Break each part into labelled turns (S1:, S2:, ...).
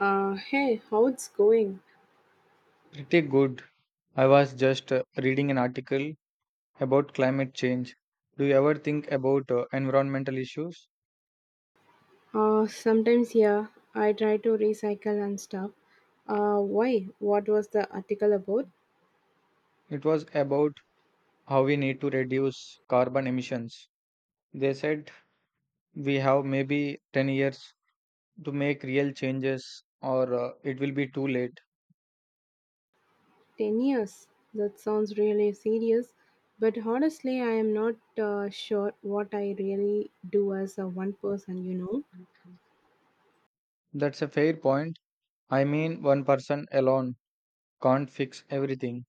S1: Hey, how it's going?
S2: Pretty good. I was just reading an article about climate change. Do you ever think about environmental issues?
S1: Sometimes, yeah, I try to recycle and stuff. Why? What was the article about?
S2: It was about how we need to reduce carbon emissions. They said we have maybe 10 years to make real changes or it will be too late.
S1: 10 years. That sounds really serious. But honestly, I am not sure what I really do as a one person.
S2: That's a fair point. I mean, one person alone can't fix everything.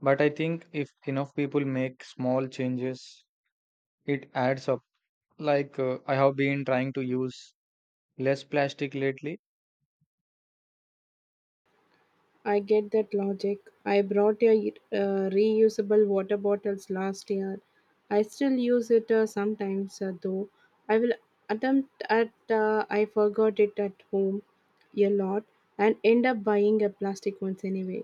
S2: But I think if enough people make small changes, it adds up. Like I have been trying to use less plastic lately.
S1: I get that logic. I brought a reusable water bottles last year. I still use it sometimes though. I will attempt at I forgot it at home a lot and end up buying a plastic ones anyway.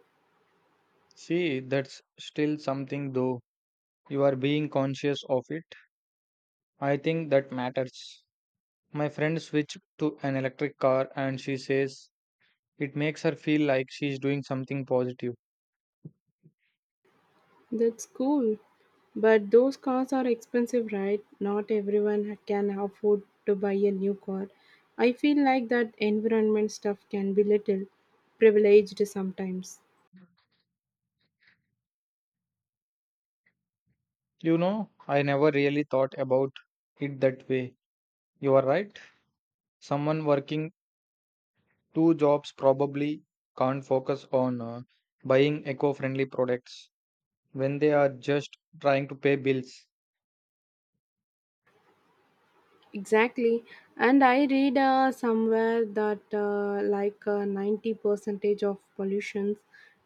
S2: See, that's still something though. You are being conscious of it. I think that matters. My friend switched to an electric car and she says it makes her feel like she's doing something positive.
S1: That's cool. But those cars are expensive, right? Not everyone can afford to buy a new car. I feel like that environment stuff can be little privileged sometimes.
S2: You know, I never really thought about it that way. You are right. Someone working two jobs probably can't focus on buying eco friendly products when they are just trying to pay bills.
S1: Exactly. And I read somewhere that like 90 percentage of pollutions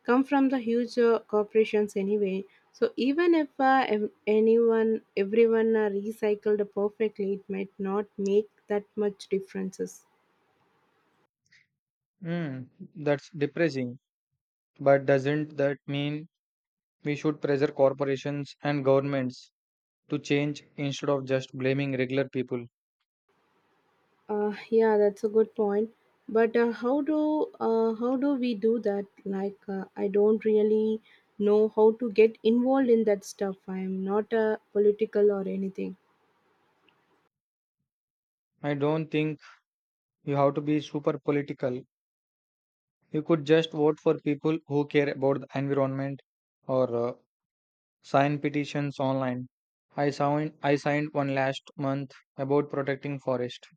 S1: come from the huge corporations anyway. So even if anyone, everyone recycled perfectly, it might not make that much differences.
S2: Hmm, that's depressing. But doesn't that mean we should pressure corporations and governments to change instead of just blaming regular people?
S1: Yeah, that's a good point. But how do we do that? Like, I don't really know how to get involved in that stuff. I'm not a political or anything.
S2: I don't think you have to be super political. You could just vote for people who care about the environment or sign petitions online. I signed one last month about protecting forest.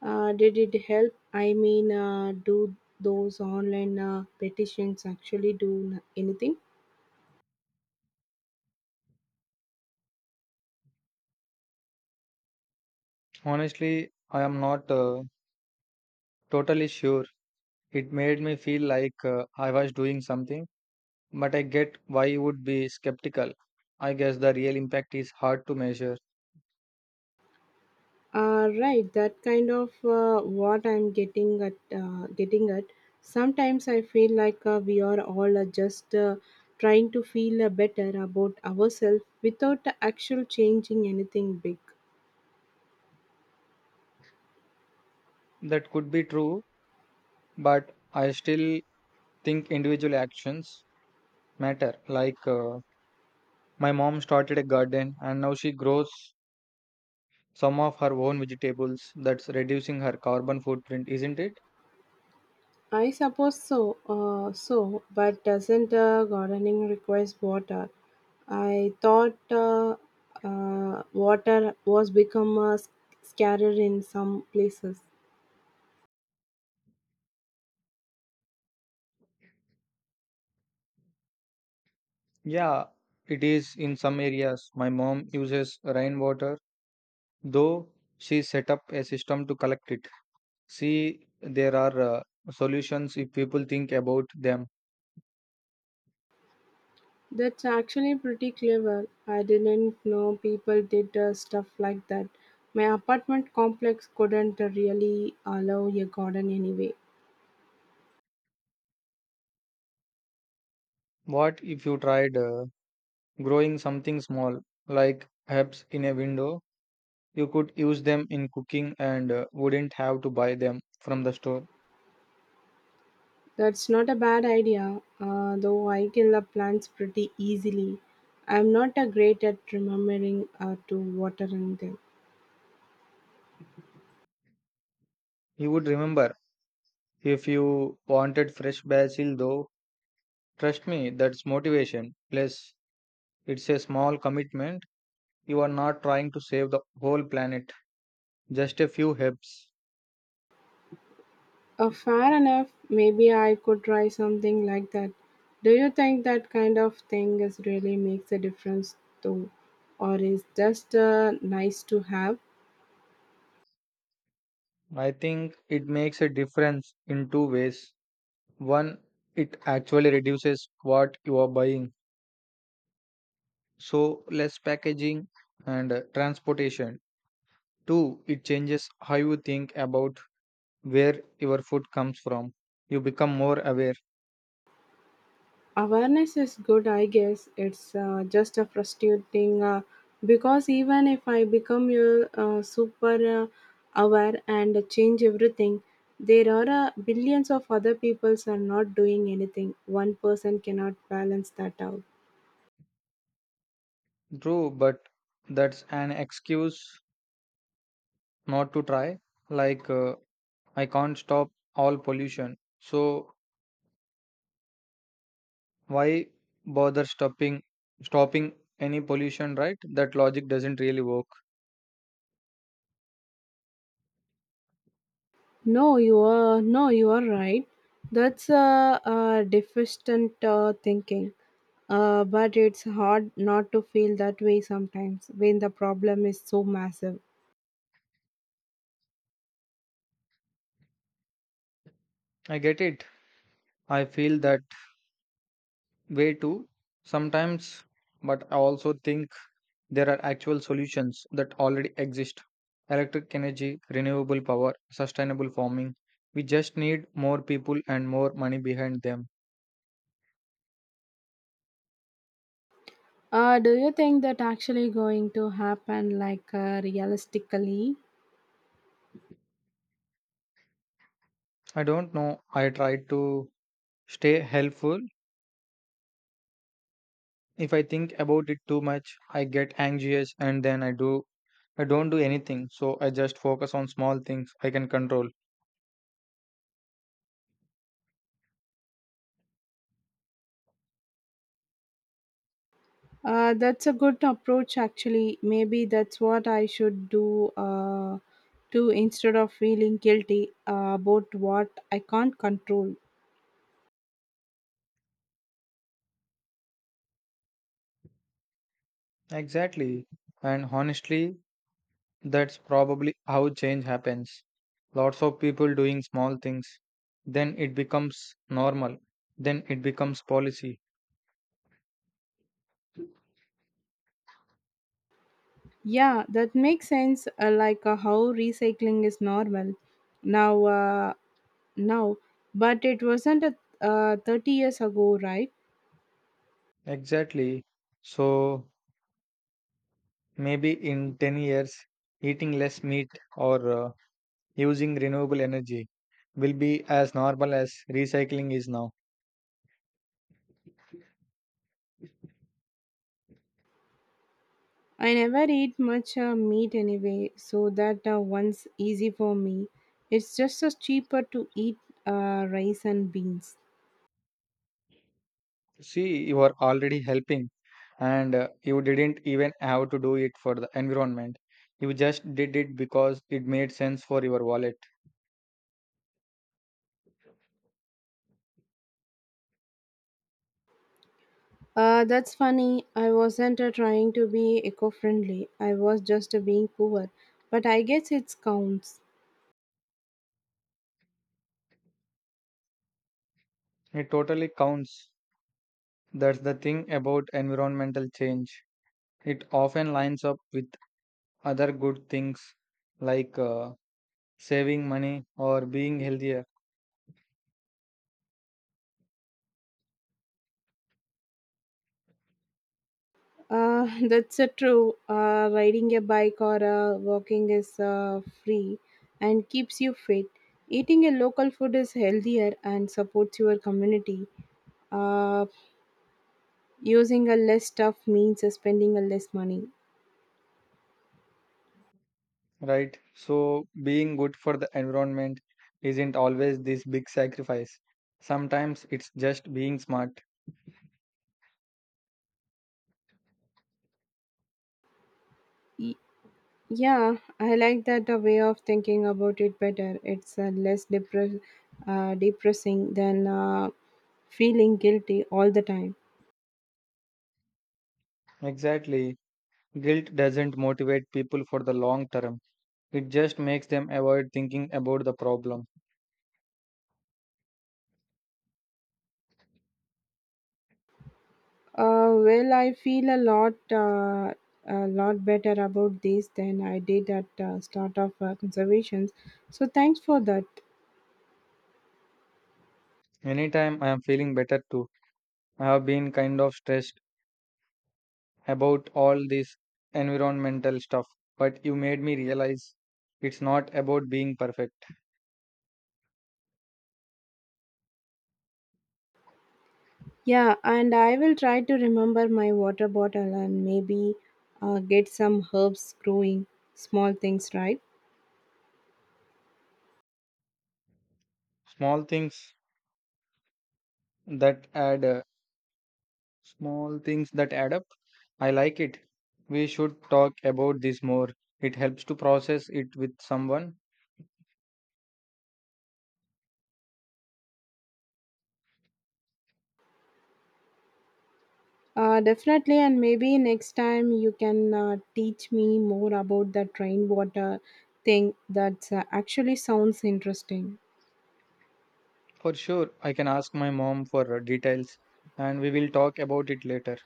S1: Did it help? I mean, do those online petitions actually anything?
S2: Honestly, I am not totally sure. It made me feel like I was doing something. But I get why you would be skeptical. I guess the real impact is hard to measure.
S1: Right, that kind of what I'm getting at. Sometimes I feel like we are all just trying to feel better about ourselves without actually changing anything big.
S2: That could be true, but I still think individual actions matter. Like my mom started a garden and now she grows some of her own vegetables. That's reducing her carbon footprint, isn't it?
S1: I suppose so, but doesn't gardening requires water? I thought water was become scarcer in some places.
S2: Yeah, it is in some areas. My mom uses rainwater, though she set up a system to collect it. See, there are solutions if people think about them.
S1: That's actually pretty clever. I didn't know people did stuff like that. My apartment complex couldn't really allow a garden anyway.
S2: What if you tried growing something small, like herbs in a window? You could use them in cooking and wouldn't have to buy them from the store.
S1: That's not a bad idea, though I can love plants pretty easily. I'm not a great at remembering to watering them.
S2: You would remember if you wanted fresh basil, though. Trust me, that's motivation. Plus, it's a small commitment. You are not trying to save the whole planet, just a few herbs.
S1: Fair enough, maybe I could try something like that. Do you think that kind of thing is really makes a difference though, or is just nice to have?
S2: I think it makes a difference in two ways. One, it actually reduces what you are buying, so less packaging and transportation. Two, it changes how you think about where your food comes from. You become more aware.
S1: Awareness is good, I guess. It's just a frustrating because even if I become a super aware and change everything, there are billions of other peoples are not doing anything. One person cannot balance that out.
S2: True, but that's an excuse not to try. Like, I can't stop all pollution. So, why bother stopping any pollution, right? That logic doesn't really work.
S1: No, you are right. That's a deficient thinking. But it's hard not to feel that way sometimes when the problem is so massive.
S2: I get it. I feel that way too sometimes, but I also think there are actual solutions that already exist: electric energy, renewable power, sustainable farming. We just need more people and more money behind them.
S1: Do you think that actually going to happen like realistically?
S2: I don't know. I try to stay helpful. If I think about it too much, I get anxious and then I don't do anything. So I just focus on small things I can control.
S1: That's a good approach actually. Maybe that's what I should do to instead of feeling guilty about what I can't control.
S2: Exactly. And honestly, that's probably how change happens. Lots of people doing small things. Then it becomes normal. Then it becomes policy.
S1: Yeah, that makes sense like how recycling is normal now uh, now but it wasn't 30 years ago, right?
S2: Exactly. So maybe in 10 years, eating less meat or using renewable energy will be as normal as recycling is now.
S1: I never eat much meat anyway, so that one's easy for me. It's just cheaper to eat rice and beans.
S2: See, you are already helping and you didn't even have to do it for the environment. You just did it because it made sense for your wallet.
S1: That's funny. I wasn't trying to be eco friendly, I was just being poor. But I guess it counts.
S2: It totally counts. That's the thing about environmental change. It often lines up with other good things like saving money or being healthier,
S1: That's true. Riding a bike or walking is free and keeps you fit. Eating a local food is healthier and supports your community. Uh, Using a less stuff means spending a less money.
S2: right? So, being good for the environment isn't always this big sacrifice. Sometimes it's just being smart.
S1: Y- yeah, I like that a way of thinking about it better. It's depressing than feeling guilty all the time.
S2: Exactly. Guilt doesn't motivate people for the long term, it just makes them avoid thinking about the problem.
S1: Well, I feel a lot better about this than I did at start of conservations. So thanks for that.
S2: Anytime. I am feeling better too, I have been kind of stressed about all this environmental stuff, but you made me realize it's not about being perfect.
S1: Yeah, and I will try to remember my water bottle and maybe get some herbs growing, small things, right?
S2: Small things that add small things that add up. I like it. We should talk about this more. It helps to process it with someone.
S1: Definitely, and maybe next time you can teach me more about the rainwater thing that actually sounds interesting.
S2: For sure, I can ask my mom for details and we will talk about it later.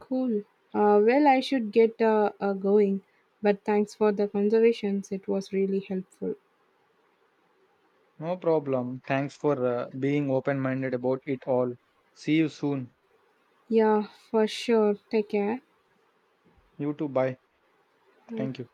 S1: Cool. Well, I should get going, but thanks for the conservations. It was really helpful.
S2: No problem. Thanks for being open minded about it all. See you soon.
S1: Yeah, for sure. Take care.
S2: You too. Bye. Thank you.